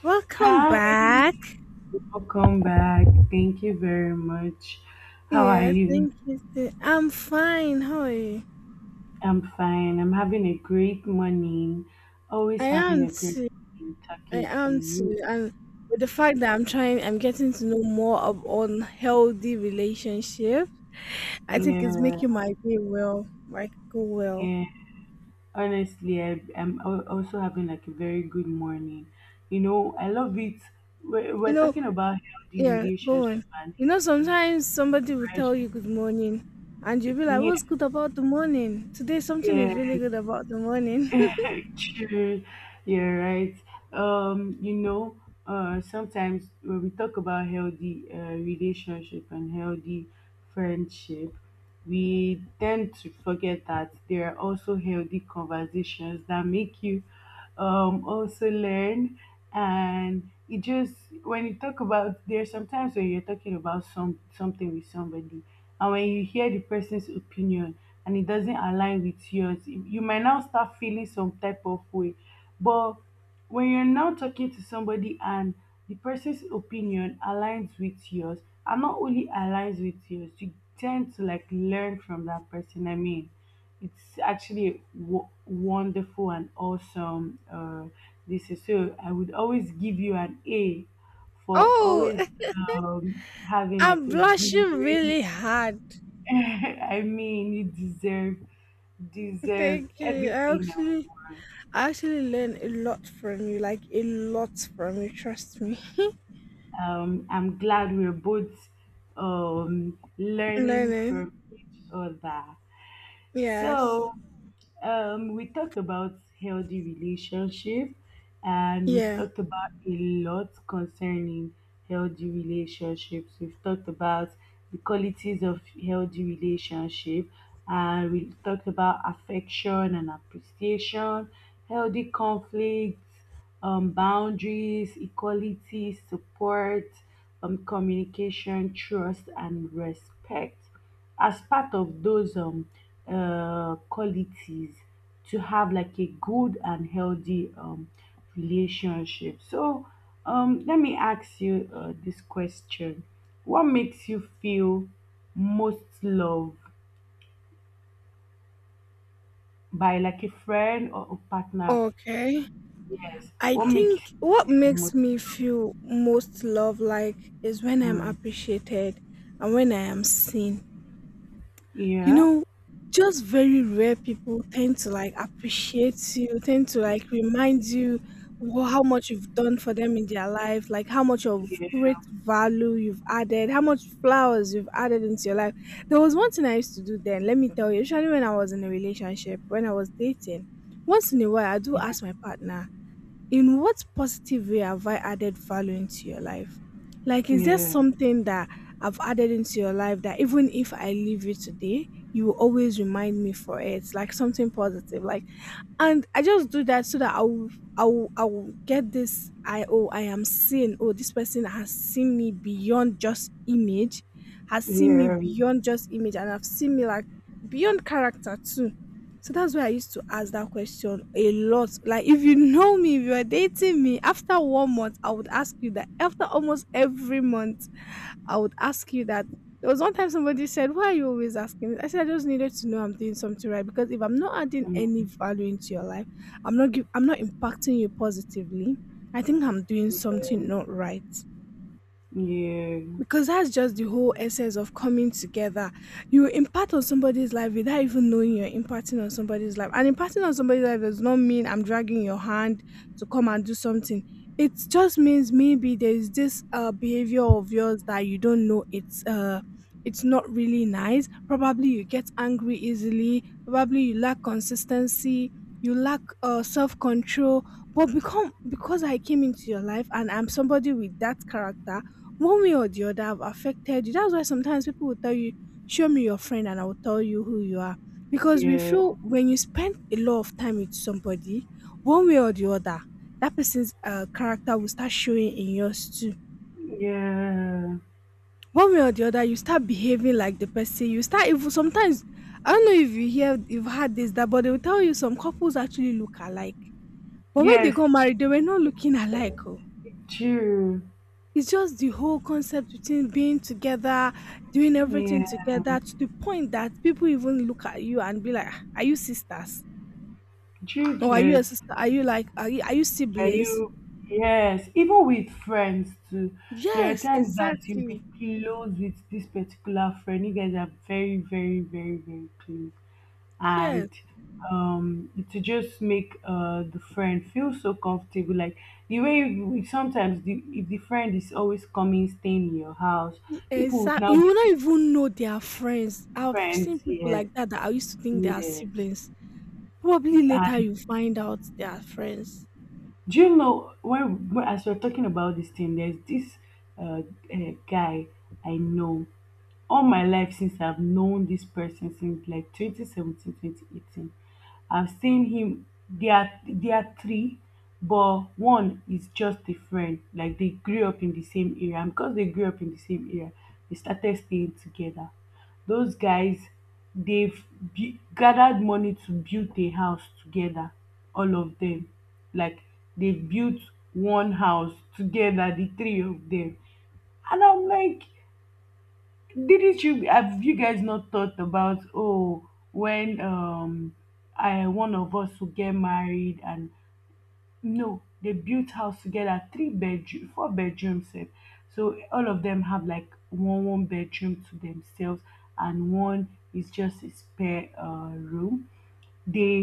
Welcome Hi, back. welcome back. Thank you very much. How are Yeah, you? thank you. Too. I'm fine. How are you? I'm fine. I'm having a great morning. Always I having am a great too. morning I talking to am too. you. And with the fact that I'm getting to know more of on healthy relationship. I think it's Yeah, making my day well, like go well. yeah. Honestly, I'm also having like a very good morning. You know, I love it. We're, You we're know, talking about healthy yeah, go relationship on. and You know, healthy sometimes somebody will tell friendship. you good morning, and you'll be like, Yeah, "What's good about the morning? Today, something yeah. is really good about the morning." True, you're right. Um, you know, Sometimes when we talk about healthy relationship and healthy friendship, we tend to forget that there are also healthy conversations that make you also learn. And it just when you talk about there's sometimes when you're talking about something with somebody, and when you hear the person's opinion and it doesn't align with yours, you might now start feeling some type of way. But when you're now talking to somebody and the person's opinion aligns with yours, and not only aligns with yours, you tend to like learn from that person. I mean it's actually wonderful and awesome. This is so I would always give you an A for always Oh, having like I'm a good blushing really hard. I mean, you deserve Thank you. Everything and more. I actually learn a lot from you, like a lot from you, trust me. I'm glad we're both learning Learning. from each other. Yes. So, we talked about healthy relationship, and we've Yeah. talked about a lot concerning healthy relationships. We've talked about the qualities of healthy relationship, and we talked about affection and appreciation, healthy conflicts, boundaries, equality, support, communication, trust, and respect as part of those qualities to have like a good and healthy relationship. So let me ask you this question. What makes you feel most loved by like a friend or a partner? Okay. Yes. I What makes think you what feel makes most me feel most love like is when I'm mm, appreciated and when I am seen. You yeah. know, just very rare people tend to like appreciate you, tend to like remind you how much you've done for them in their life, like how much of great Yeah, value you've added, how much flowers you've added into your life. There was one thing I used to do then, let me tell you, especially when I was in a relationship, when I was dating. Once in a while, I do yeah, ask my partner, in what positive way have I added value into your life? Like, is there yeah, something that I've added into your life that even if I leave you today, you will always remind me for it? Like something positive. Like, and I just do that so that I will get this. I oh, I am seen. Oh, this person has seen me beyond just image, has seen me yeah, beyond just image, and have seen me like beyond character too. So that's why I used to ask that question a lot. Like, if you know me, if you are dating me, after one month, I would ask you that. After almost every month, I would ask you that. There was one time somebody said, "Why are you always asking? This?" I said, I just needed to know I'm doing something right because if I'm not adding any mm, value into your life, I'm not impacting you positively. I think I'm doing yeah, something not right. yeah, Because that's just the whole essence of coming together. You impart on somebody's life without even knowing you're imparting on somebody's life. And imparting on somebody's life does not mean I'm dragging your hand to come and do something. It just means maybe there's this behavior of yours that you don't know it's not really nice. Probably you get angry easily. Probably you lack consistency. You lack self control but become because I came into your life and I'm somebody with that character, one way or the other, I've affected you. That's why sometimes people will tell you, "Show me your friend, and I will tell you who you are." Because we yeah. feel when you spend a lot of time with somebody, one way or the other, that person's character will start showing in yours too. Yeah. One way or the other, you start behaving like the person. You start even sometimes. I don't know if you hear you've had this that, but they will tell you some couples actually look alike. But when they Yes, got married, they were not looking alike. Oh. chill. It's just the whole concept between being together, doing everything Yeah, together to the point that people even look at you and be like, "Ah, are you sisters? chill Or are you a get. sister? Are you like, are you Can siblings?" you? Yes, even with friends too. There are Yes, times that you'll be exactly. close with this particular friend. You guys are very, very, very, very close, and Yes. To just make the friend feel so comfortable. Like the way we sometimes the if the friend is always coming staying in your house, people would Exactly. now You be will not thinking, even know they are yes, friends. I've seen friends, people yes, like that that I used to think they are yes. siblings. Probably later you find out they are friends. Do you know when as we're talking about this thing, there's this uh, guy I know all my life since I've known this person since like 2017, 2018. I've seen him. They are three, but one is just a friend. Like they grew up in the same area. And because they grew up in the same area, they started staying together. Those guys, they've gathered money to build a house together. All of them, like they built one house together, the three of them. And I'm like, didn't you have you guys not thought about oh when I one of us will get married and no they built house together three bedroom four bedrooms sef. So all of them have like one bedroom to themselves and one is just a spare room dey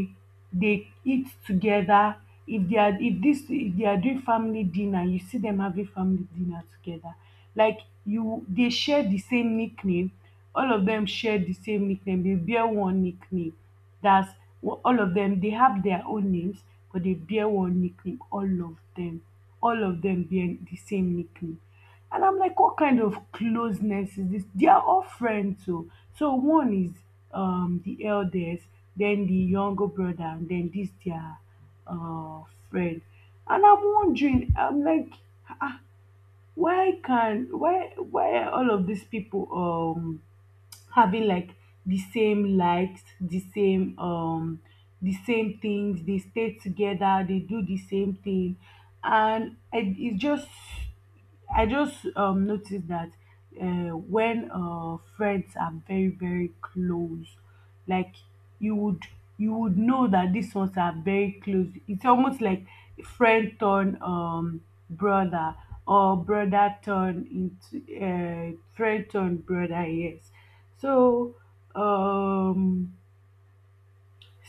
dey eat together if they are if this if they are doing family dinner you see them having family dinner together like you they share the same nickname. All of them share the same nickname. They bear one nickname. That's all of them they have their own names but they bear one nickname all of them. All of them bear the same nickname. And I'm like, what kind of closeness is this? They are all friends, so so one is the eldest, then the younger brother, and then this their uh friend. And I'm wondering, I'm like, why can why are all of these people having like the same likes, the same things, they stay together, they do the same thing. And I, it's just I just noticed that when friends are very very close, like you would you would know that these ones are very close. It's almost like friend turn brother or brother turn into friend turn brother. Yes, so, um,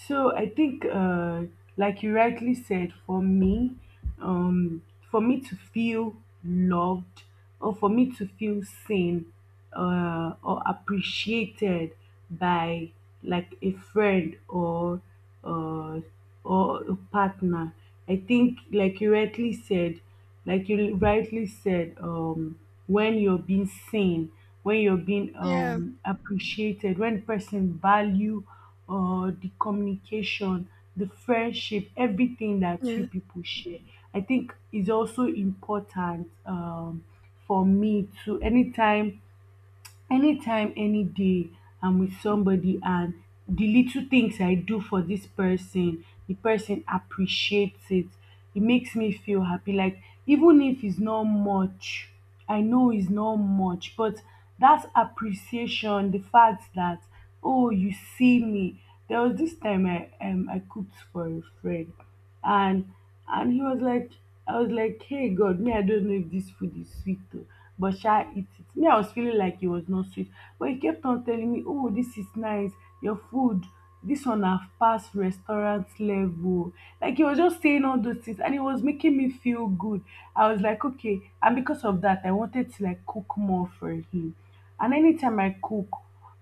so I think, like you rightly said, um, for me to feel loved or for me to feel seen or appreciated by like a friend uh, or a partner, I think, like you rightly said, when you're being seen, when you're being Yeah. Appreciated, when person value the communication, the friendship, everything that you Yeah. people share, I think is also important for me to anytime anytime any day I'm with somebody and the little things I do for this person the person appreciates it. It makes me feel happy. Like even if it's not much, I know it's not much, but that appreciation, the fact that oh you see me. There was this time I I cooked for a friend and he was like I was like, hey God, me I don't know if this food is sweet though. But shall eat it. Me I was feeling like it was not sweet. But he kept on telling me, oh, this is nice, your food, this one have passed restaurant level. Like he was just saying all those things and it was making me feel good. I was like, okay, and because of that I wanted to like cook more for him. And anytime I cook,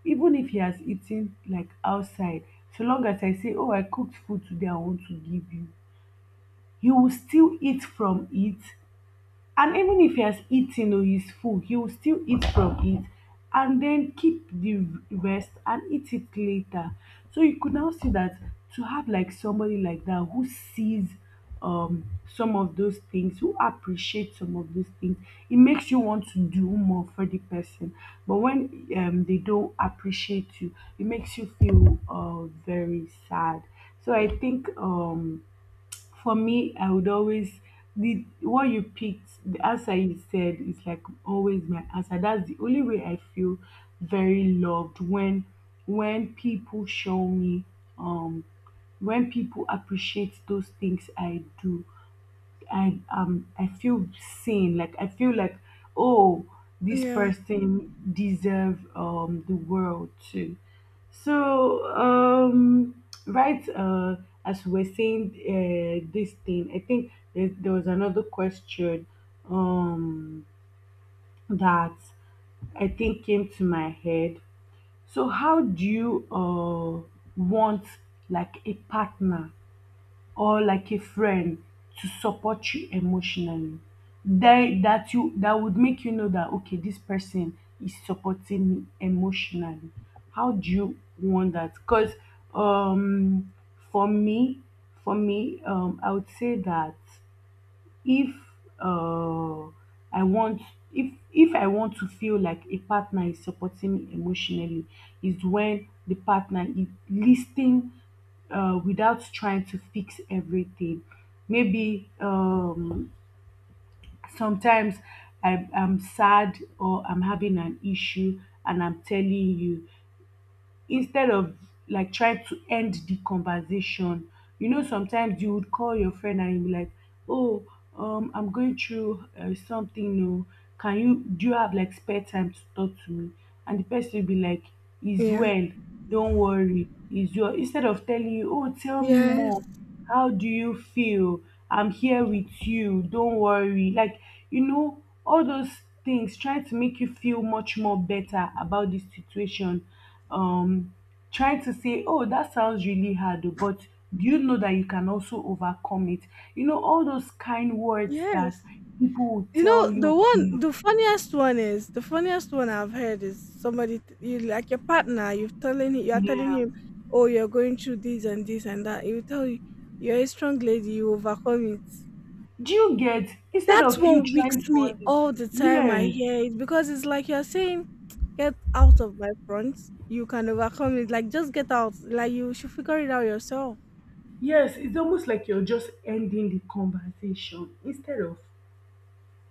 even if he has eaten like outside, so long as I say oh I cooked food today I want to give you, you will still eat from it. And even if he has eaten or he's full he will still eat from it and then keep the rest and eat it later. So you could now see that to have like somebody like that who sees um some of those things, who appreciates some of those things, it makes you want to do more for the person. But when they don't appreciate you it makes you feel very sad. So I think for me, I would always the what you picked, the answer you said is like always my answer. That's the only way I feel very loved when people show me um when people appreciate those things I do. I feel seen. Like I feel like, oh, this Yeah. person deserve the world too. So right as we were saying this thing, I think there was another question um that I think came to my head. So how do you want like a partner or like a friend to support you emotionally that that you that would make you know that okay this person is supporting me emotionally. How do you want that? Because um for me, I would say that if uh I want if I want to feel like a partner is supporting me emotionally is when the partner is listening without trying to fix everything. Maybe sometimes I'm sad or I'm having an issue and I'm telling you instead of like trying to end the conversation. You know, sometimes you would call your friend and you'll be like, "Oh, I'm going through something. No, can you do you have like spare time to talk to me?" And the person will be like, "Is Yeah. well. Don't worry. Is well." Instead of telling you, "Oh, tell me Yes. more. How do you feel? I'm here with you. Don't worry." Like you know, all those things trying to make you feel much more better about the situation, um trying to say, oh, that sounds really hard, oh, but do you know that you can also overcome it? You know, all those kind words that Yes. people will You tell know, you when you the funniest one is the funniest one I've heard is somebody you like your partner. You are telling yeah. him, oh, you're going through this and this and that. He will tell you, you're a strong lady. You overcome it. Do you get instead That of you one trying wakes to me all the understand? time. I Yeah, hear it because it's like you're saying, get out of my front. You can overcome it. Like just get out. Like you should figure it out yourself. yes, it's almost like you're just ending the conversation instead of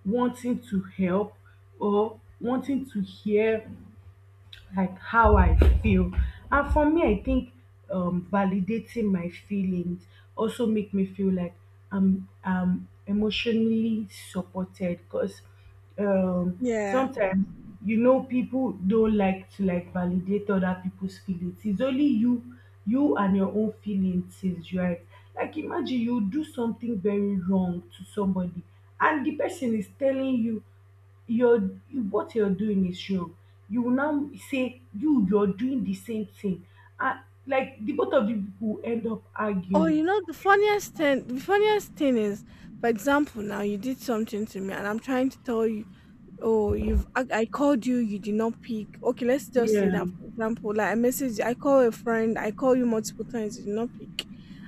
wanting to help or wanting to hear like how I feel. And for me, I think validating my feelings also make me feel like I'm emotionally supported. Because Yeah. sometimes you know people don't like to like validate other people's feelings. It's only you, you and your own feelings is right. Like imagine you do something very wrong to somebody, and the person is telling you you're what you're doing is wrong. You will now say you're doing the same thing. And like the both of you people end up Oh, arguing. you know the funniest thing is, for example, now you did something to me and I'm trying to tell you, oh, you've I called you, you did not pick. Okay, let's just say Yeah. that for example, like I call a friend, I call you multiple times, you did not pick.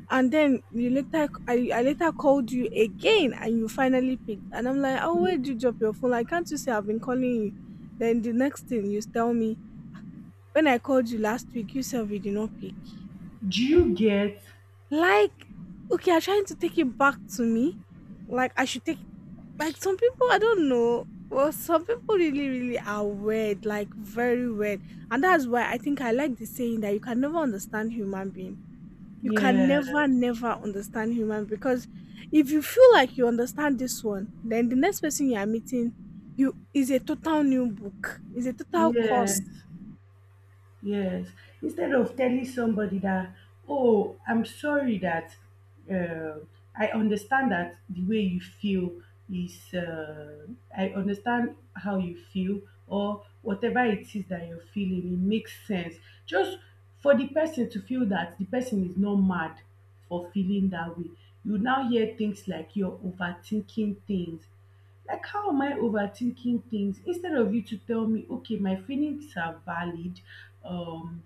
And then you later I later called you again and you finally picked. And I'm like, oh, where did you drop your phone? Like, can't you say I've been calling you? Then the next thing you tell me, when I called you last week, you said you did not pick. Do you get? Like, okay, you're trying to take it back to me. Like, I should take, like, some people, I don't know. Well, some people really, really are weird, like, very weird. And that's why I think I like the saying that you can never understand human being. You can Yeah. never, never understand human because if you feel like you understand this one, then the next person you are meeting, you is a total new book, is a total course. Yes. Yes. Instead of telling somebody that, oh, I'm sorry that uh, I understand that the way you feel is, uh, I understand how you feel or whatever it is that you're feeling, it makes sense. Just for the person to feel that the person is not mad for feeling that way. You now hear things like, "You're overthinking things." Like, how am I overthinking things? Instead of you to tell me, okay, my feelings are valid. um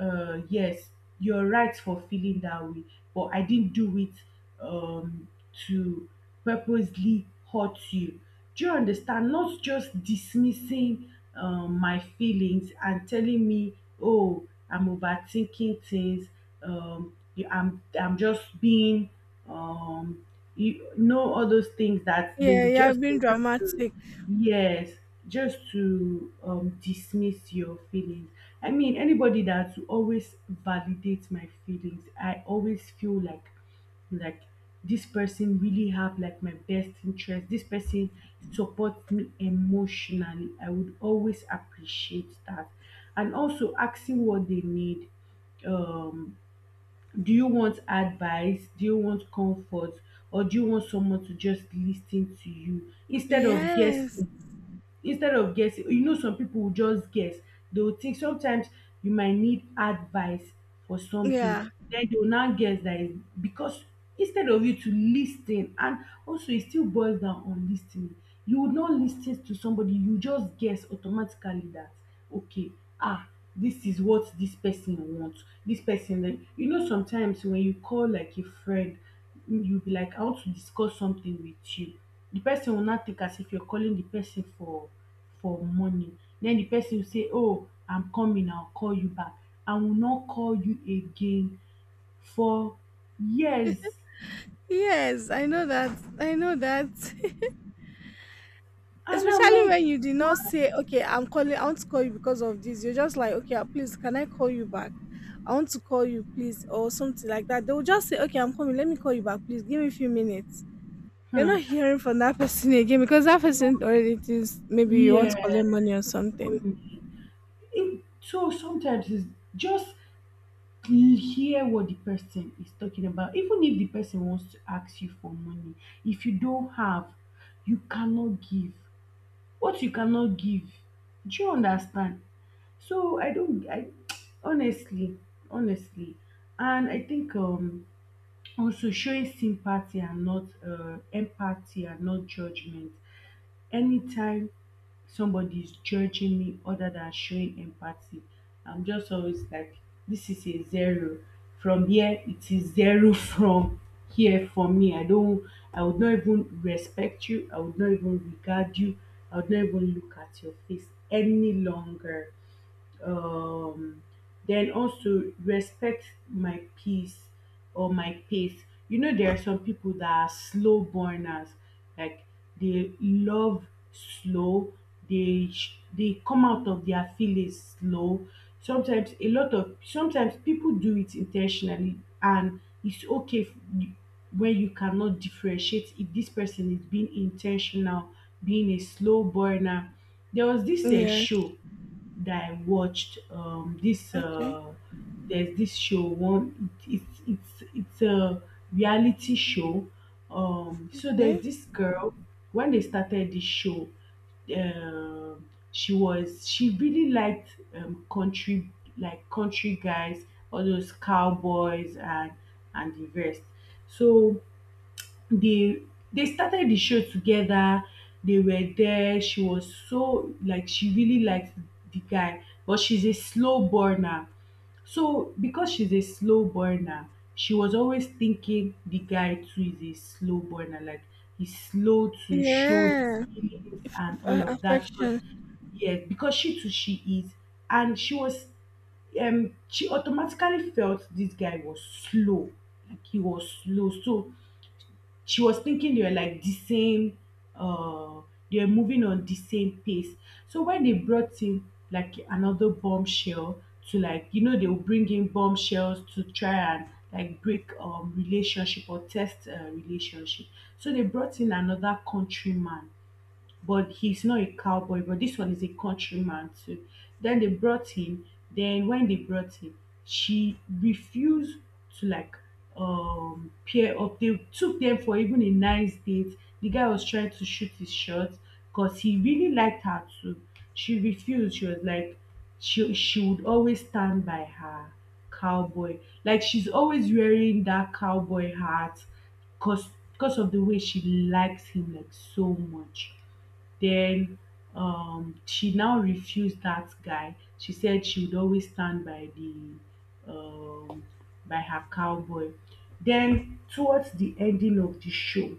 uh yes, you're right for feeling that way, but I didn't do it um to purposely hurt you. Do you understand? Not just dismissing my feelings and telling me, oh, I'm overthinking things, I'm just being, um you know, all those things that they Yeah, would you are just say being just to, dramatic. yes, just to, dismiss your feelings. I mean, anybody that will always validates my feelings, I always feel like, this person really have like my best interest. This person supports me emotionally. I would always appreciate that, and also asking what they need. Um, do you want advice? Do you want comfort? Or do you want someone to just listen to you instead of Yes. guessing? Instead of guessing, you know, some people will just guess. They will think sometimes you might need advice for something, Yeah. then they will now guess that is because, instead of you to listen. And also it still boils down on listening. You would not listen to somebody, you just guess automatically that, okay, ah, this is what this person wants, this person like. You know, sometimes when you call like a friend, you be like, I want to discuss something with you. The person will now take as if you're calling the person for money. Then the person will say, oh, I'm coming, I'll call you back. I will not call you again for years. Yes, I know that. I know that. And I'm Especially like, when you did not what? say, okay, I'm calling, I want to call you because of this. You're just like, okay, please, can I call you back? I want to call you, please, or something like that. They'll just say, okay, I'm coming. Let me call you back, please. Give me a few minutes. You're Hmm. not hearing from that person again because that person already thinks maybe you want to collect Yeah. money or something. It, so sometimes it's just hear what the person is talking about. Even if the person wants to ask you for money, if you don't have, you cannot give what you cannot give. Do you understand? So i don't i Honestly, honestly, and I think, also showing sympathy and not, empathy and not judgment. Anytime somebody is judging me other than showing empathy, I'm just always like, this is a zero. From here, it is zero from here for me. I don't, I would not even respect you. I would not even regard you. I would not even look at your face any longer. um then also respect my peace, or my pace. You know, there are some people that are slow burners, like, they love slow, they come out of their feelings slow. Sometimes a lot of sometimes people do it intentionally and it's okay when you cannot differentiate if this person is being intentional, being a slow burner. There was this Yes. show that I watched. This Okay. There's this show one. It's a reality show. So there's Okay. this girl. When they started this show, uh, she really liked, country, like, country guys, all those cowboys and the rest. So they they started the show together. They were there, she was so like, she really liked the guy, but she's a slow burner. So because she's a slow burner, she was always thinking the guy too is a slow burner, like, he's slow to show his Yeah. feelings and all of that because, Affection. yes, because she too she is. And she was, she automatically felt this guy was slow, like, he was slow. So she was thinking they were like the same, uh they were moving on the same pace. So when they brought in like another bombshell to, like, you know, they will bring in bombshells to try and like break relationship or test, relationship. So they brought in another countryman, but he's not a cowboy, but this one is a countryman too. Then they brought him. Then when they brought him, she refused to like, pair up. They took them for even a nice date. The guy was trying to shoot his shot because he really liked her too. She refused. She was like, she would always stand by her cowboy. Like, she's always wearing that cowboy hat because of the way she likes him like so much. Then, she now refused that guy. She said she would always stand by the, by her cowboy. Then towards the ending of the show,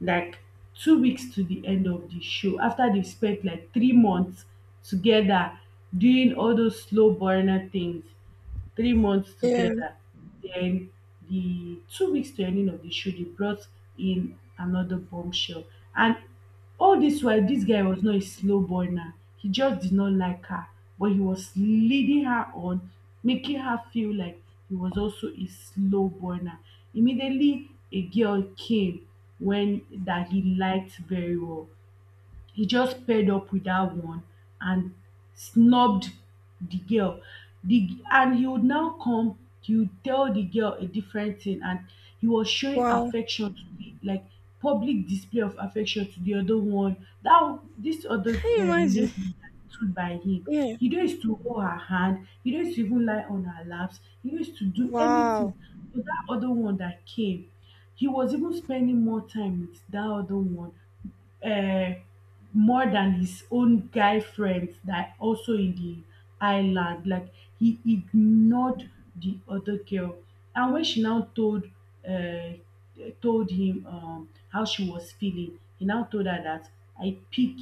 like, 2 weeks to the end of the show, after they've spent like 3 months together doing all those slow burner things, 3 months Yeah. together. Then the 2 weeks to ending of the show, they brought in another bombshell. And all this while this guy was not a slow boy now, he just did not like her, but he was leading her on, making her feel like he was also a slow boy. Now immediately a girl came, when, that he liked very well, he just paired up with that one and snubbed the girl. The, and he would now come, he would tell the girl a different thing, and he was showing Wow. affection to the, like, public display of affection to the other one. That, this other Can you imagine? lady that stood by him, Yeah. he don't used to hold her hand, he don't used to even lie on her laps, he don't used to do anything. Wow. But that other one that came, he was even spending more time with that other one, uh, more than his own guy friends that also in the island. Like, he ignored the other girl, and when she now told, uh, told him, how she was feeling, he now told her that, I pick,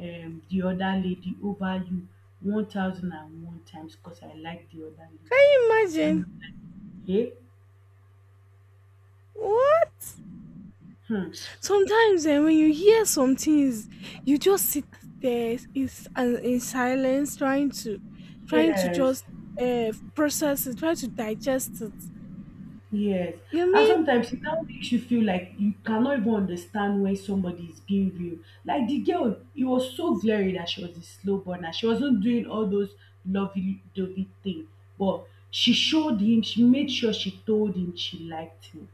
the other lady over you 1,001 times because I like the other lady. Can you And imagine? I'm like, yeah, What? hmm, Sometimes eh, when you hear some things, you just sit there in, s- and in silence, trying to, trying to yes. just process it, try to digest it. Yes. You And mean? sometimes it now makes you feel like you cannot even understand when somebody is being real. Like the girl, it was so glaring that she was a slow burner. She wasn't doing all those lovey dovey thing. But she showed him, she made sure she told him she liked him.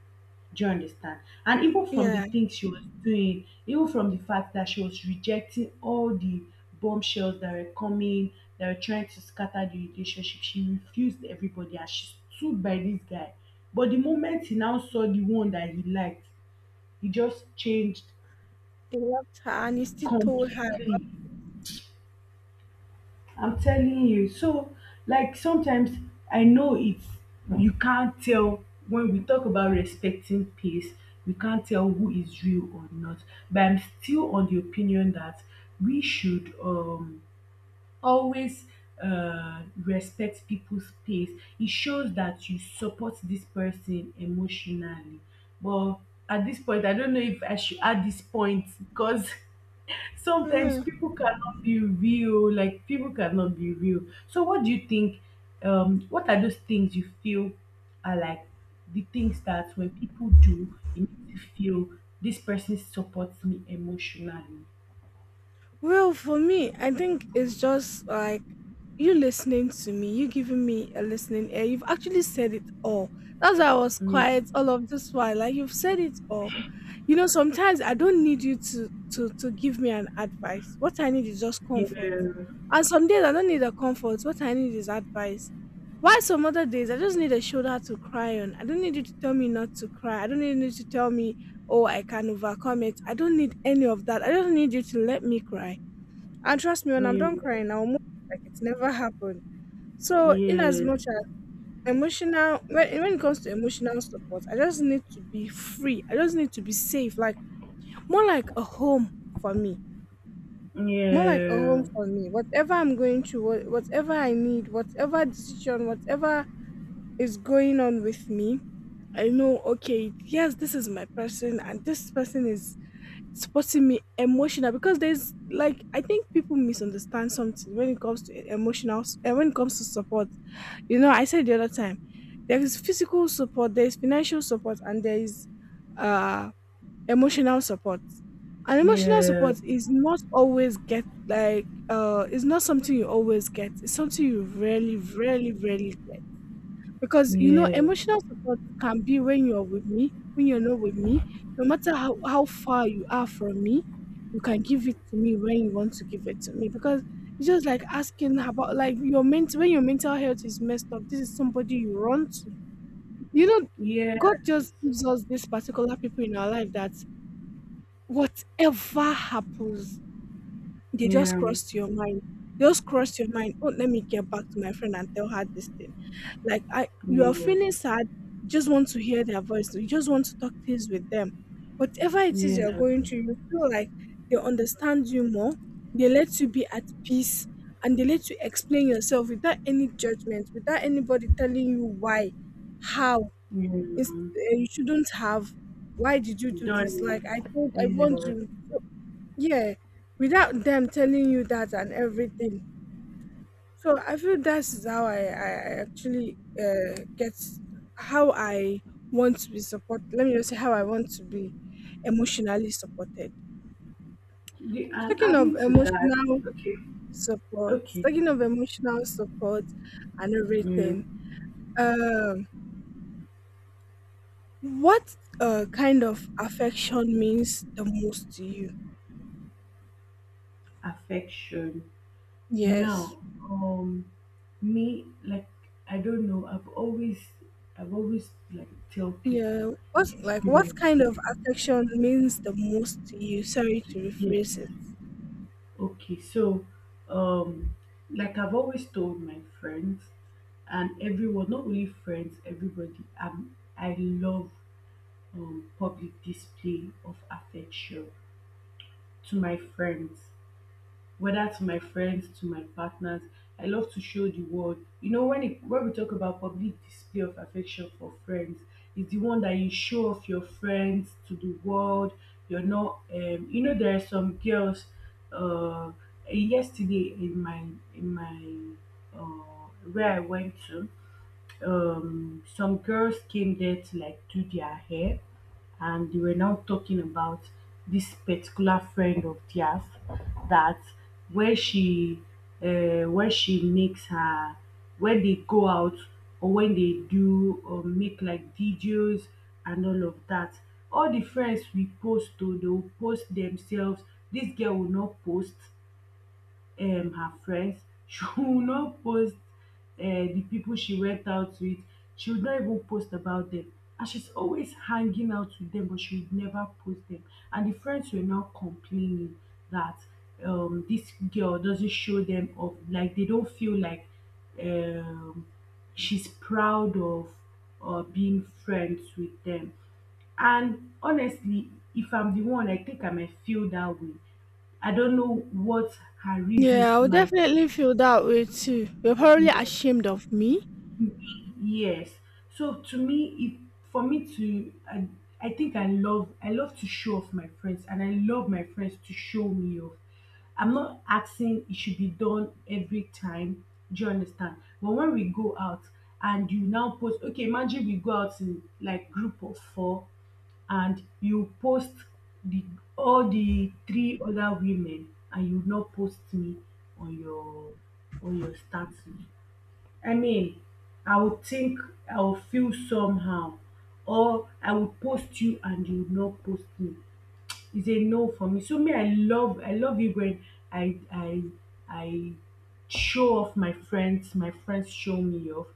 Do you understand? And even from the Yeah. things she was doing, even from the fact that she was rejecting all the bombshells that were coming, that were trying to scatter the relationship, she refused everybody and she stood by this guy. But the moment he now saw the one that he liked, he just changed He loved her and he still told her. completely. I'm telling you. So, like sometimes, I know it's, you can't tell. When we talk about respecting peace, we can't tell who is real or not. But I'm still on the opinion that we should, always, respect people's space. It shows that you support this person emotionally. But at this point, I don't know if I should add this point because sometimes Mm. people cannot be real, like, people cannot be real. So what do you think? What are those things you feel are like the things that when people do it makes you feel this person supports me emotionally? Well, for me, I think it's just like you listening to me, you giving me a listening ear. You've actually said it all. That's why I was quiet all of this while. Like you've said it all. You know, sometimes I don't need you to give me an advice. What I need is just Yeah, comfort. And some days I don't need a comfort. What I need is advice. Why some other days I just need a shoulder to cry on. I don't need you to tell me not to cry. I don't need you to tell me oh, I can overcome it. I don't need any of that. I don't need you to let me cry. And trust me, yeah, when I'm done yeah, crying, I'll move like it's never happened. So, in as yeah, much as emotional, when it comes to emotional support, I just need to be free. I just need to be safe, like more like a home for me. More like a yeah, home for me. Whatever I'm going through, whatever I need, whatever decision, whatever is going on with me, I know, okay, yes, this is my person, and this person is supporting me emotional because there's like I think people misunderstand something when it comes to emotional and when it comes to support. You know, I said the other time there is physical support, there is financial support, and there is uh emotional support. And emotional yeah, support is not always get like it's not something you always get. It's something you rarely, rarely, rarely get. Because, you know, yeah, emotional support can be when you're with me, when you're not with me, no matter how far you are from me, you can give it to me when you want to give it to me. Because it's just like asking about like your mental when your mental health is messed up, this is somebody you run to. You know, yeah, God just gives us these particular people in our life that whatever happens, they just yeah, crossed your mind, just crossed your mind. Oh, let me get back to my friend and tell her this thing. Like, I you are feeling sad, you just want to hear their voice, you just want to talk things with them. Whatever it is you're yeah, going through, you feel like they understand you more, they let you be at peace, and they let you explain yourself without any judgment, without anybody telling you why, how, yeah, you shouldn't have, why did you do this, like I done, told, I want yeah. you, yeah, without them telling you that and everything. So I feel that's how I actually get how I want to be supported, let me just say how I want to be emotionally supported. The, and Talking of adding to that, emotional okay, support, okay, talking of emotional support and mm, everything. um what kind of affection means the most to you? affection. Yes. Now, me like, I don't know. I've always like tell people, Yeah. What's you like be my what kind of friend. affection means the most to you? Sorry to Yes. rephrase it. Okay. So, um, like I've always told my friends and everyone, not only friends, everybody. I love, public display of affection to my friends, whether to my friends, to my partners. I love to show the world. You know, when it, when we talk about public display of affection for friends, it's the one that you show off your friends to the world. You're not, you know, there are some girls. Uh, Yesterday in my, in my where I went to, some girls came there to like do their hair, and they were now talking about this particular friend of theirs, that, where she, where she makes her, when they go out or when they do or make like videos and all of that, all the friends we post to, they will post themselves. This girl will not post her friends she would not post the people she went out with, she would not even post about them. And she's always hanging out with them, but she would never post them. And the friends were now complaining that, this girl doesn't show them up, like, they don't feel like um she's proud of, being friends with them. And honestly, if I'm the one, I think I might feel that way. I don't know what her Yeah, I reasons would might. definitely feel that way too. You're probably Yes, ashamed of me. yes. So, to me, if for me to, I think I love, I love to show off my friends, and I love my friends to show me off. I'm not asking it should be done every time. Do you understand? But when we go out and you now post, okay, imagine we go out in like group of four, and you post the all the three other women and you not post me on your, on your status. I mean, I would think, I will feel somehow. Or I will post you and you would not post me, is a no for me. So me, I love, I love it when I I I show off my friends, my friends show me off.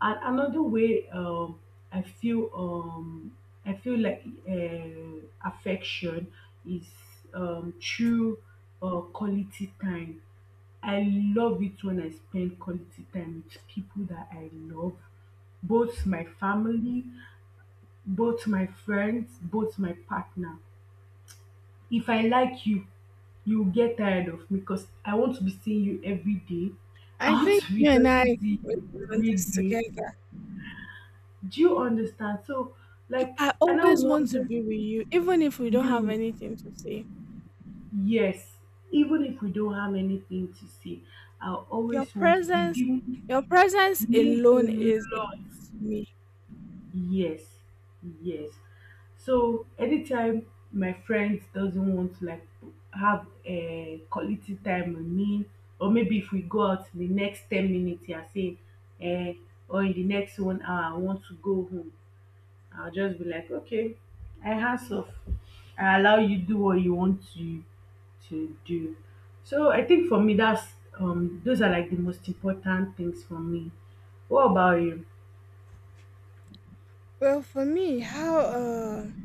And another way, I feel, I feel like, affection is, through, quality time. I love it when I spend quality time with people that I love, both my family, both my friends, both my partner. If I like you will get tired of me because I want to be seeing you every day. I I want think to be you and I, talking to we've you done every this day. together. Do you understand? So, like, I and I always want to wonder be with you, even if we don't have you, anything to say. yes, even if we don't have anything to say, I Your always want to be presence, your doing, presence means a alone is lot. enough to me. Yes, yes. So anytime my friend doesn't want to like have a quality time with me, or maybe if we go out in the next 10 minutes, you are saying, eh, or in the next 1 hour, I want to go home. I'll just be like, okay, I hands off. I allow you do what you want to do. So I think for me, that's, those are like the most important things for me. What about you? Well, for me, how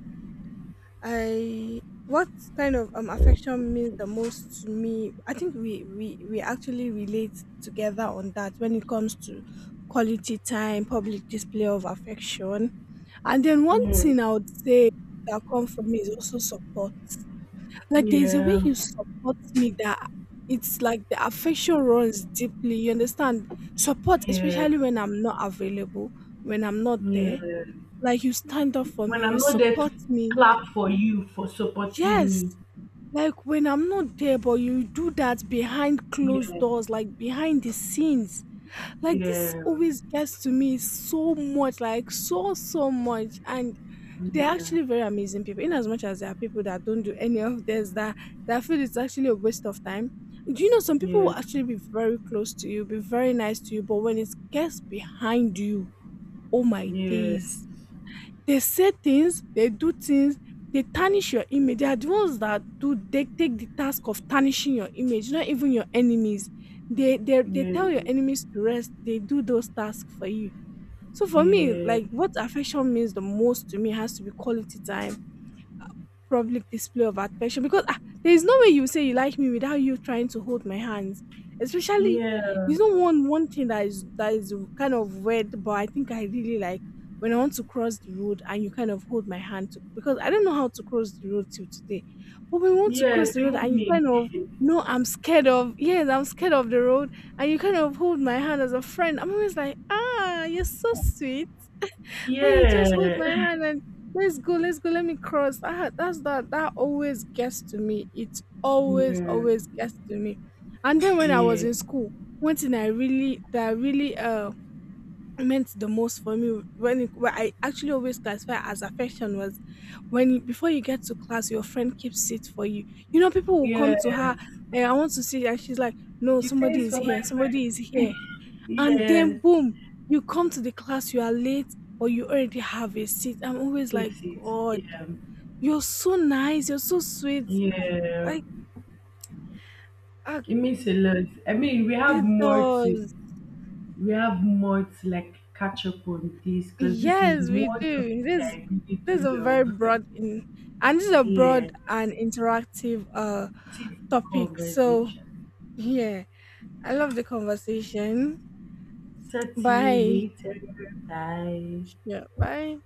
I what kind of affection means the most to me? I think we actually relate together on that when it comes to quality time, public display of affection. And then one Yeah. thing I would say that come for me is also support. Like there's a way Yeah. you support me that it's like the affection runs deeply. You understand? Support, Yeah, especially when I'm not available, when I'm not there. yeah. Like you stand up for When me, I'm you not there to support me. clap for you for supporting Yes. me. Like when I'm not there, but you do that behind closed Yeah, doors, like behind the scenes. Like this yeah, always gets to me so much, like so, so much. And they're yeah, actually very amazing people. In as much as there are people that don't do any of this, that that feel it's actually a waste of time. Do you know some people yeah, will actually be very close to you, be very nice to you, but when it gets behind you, oh my yeah, days. They say things, they do things, they tarnish your image. They are the ones that do, they take the task of tarnishing your image, not even your enemies. They yeah, tell your enemies to rest, they do those tasks for you. So for me, yeah, like what affection means the most to me has to be quality time, public display of affection, because ah, there is no way you say you like me without you trying to hold my hands. Especially, yeah. you know, one thing that is, that is kind of weird, but I think I really like when I want to cross the road and you kind of hold my hand to, because I don't know how to cross the road till today. But when we want to cross Yes, the road even and you me. kind of, no, I'm scared of, yes, I'm scared of the road, and you kind of hold my hand as a friend. I'm always like, ah, you're so sweet, then he just hold Yeah, my hand and let's go, let me cross. Ah, that's that. That always gets to me. It always, yeah, always gets to me. And then when I was yeah, in school, one thing I really that really meant the most for me when it, what I actually always classify as affection was when you, before you get to class, your friend keeps seat for you. You know, people will come to her, yes. eh, I want to see, and she's like, "No, You say somebody it's is for my here. Somebody is friend. here." And Yeah, then boom, you come to the class, you are late, or you already have a seat. I'm always like, it's it. god, Yeah, you're so nice, you're so sweet, yeah. like, ah, It means a lot. I mean, we have it more to, does. we have more to like catch up on this because this is Yes, we one do topic that this. I really This is do a very love. broad in, and this is a Yeah, broad and interactive deep topic. So conversation. yeah, I love the conversation. Talk to you Bye. later. Bye. Yeah, bye.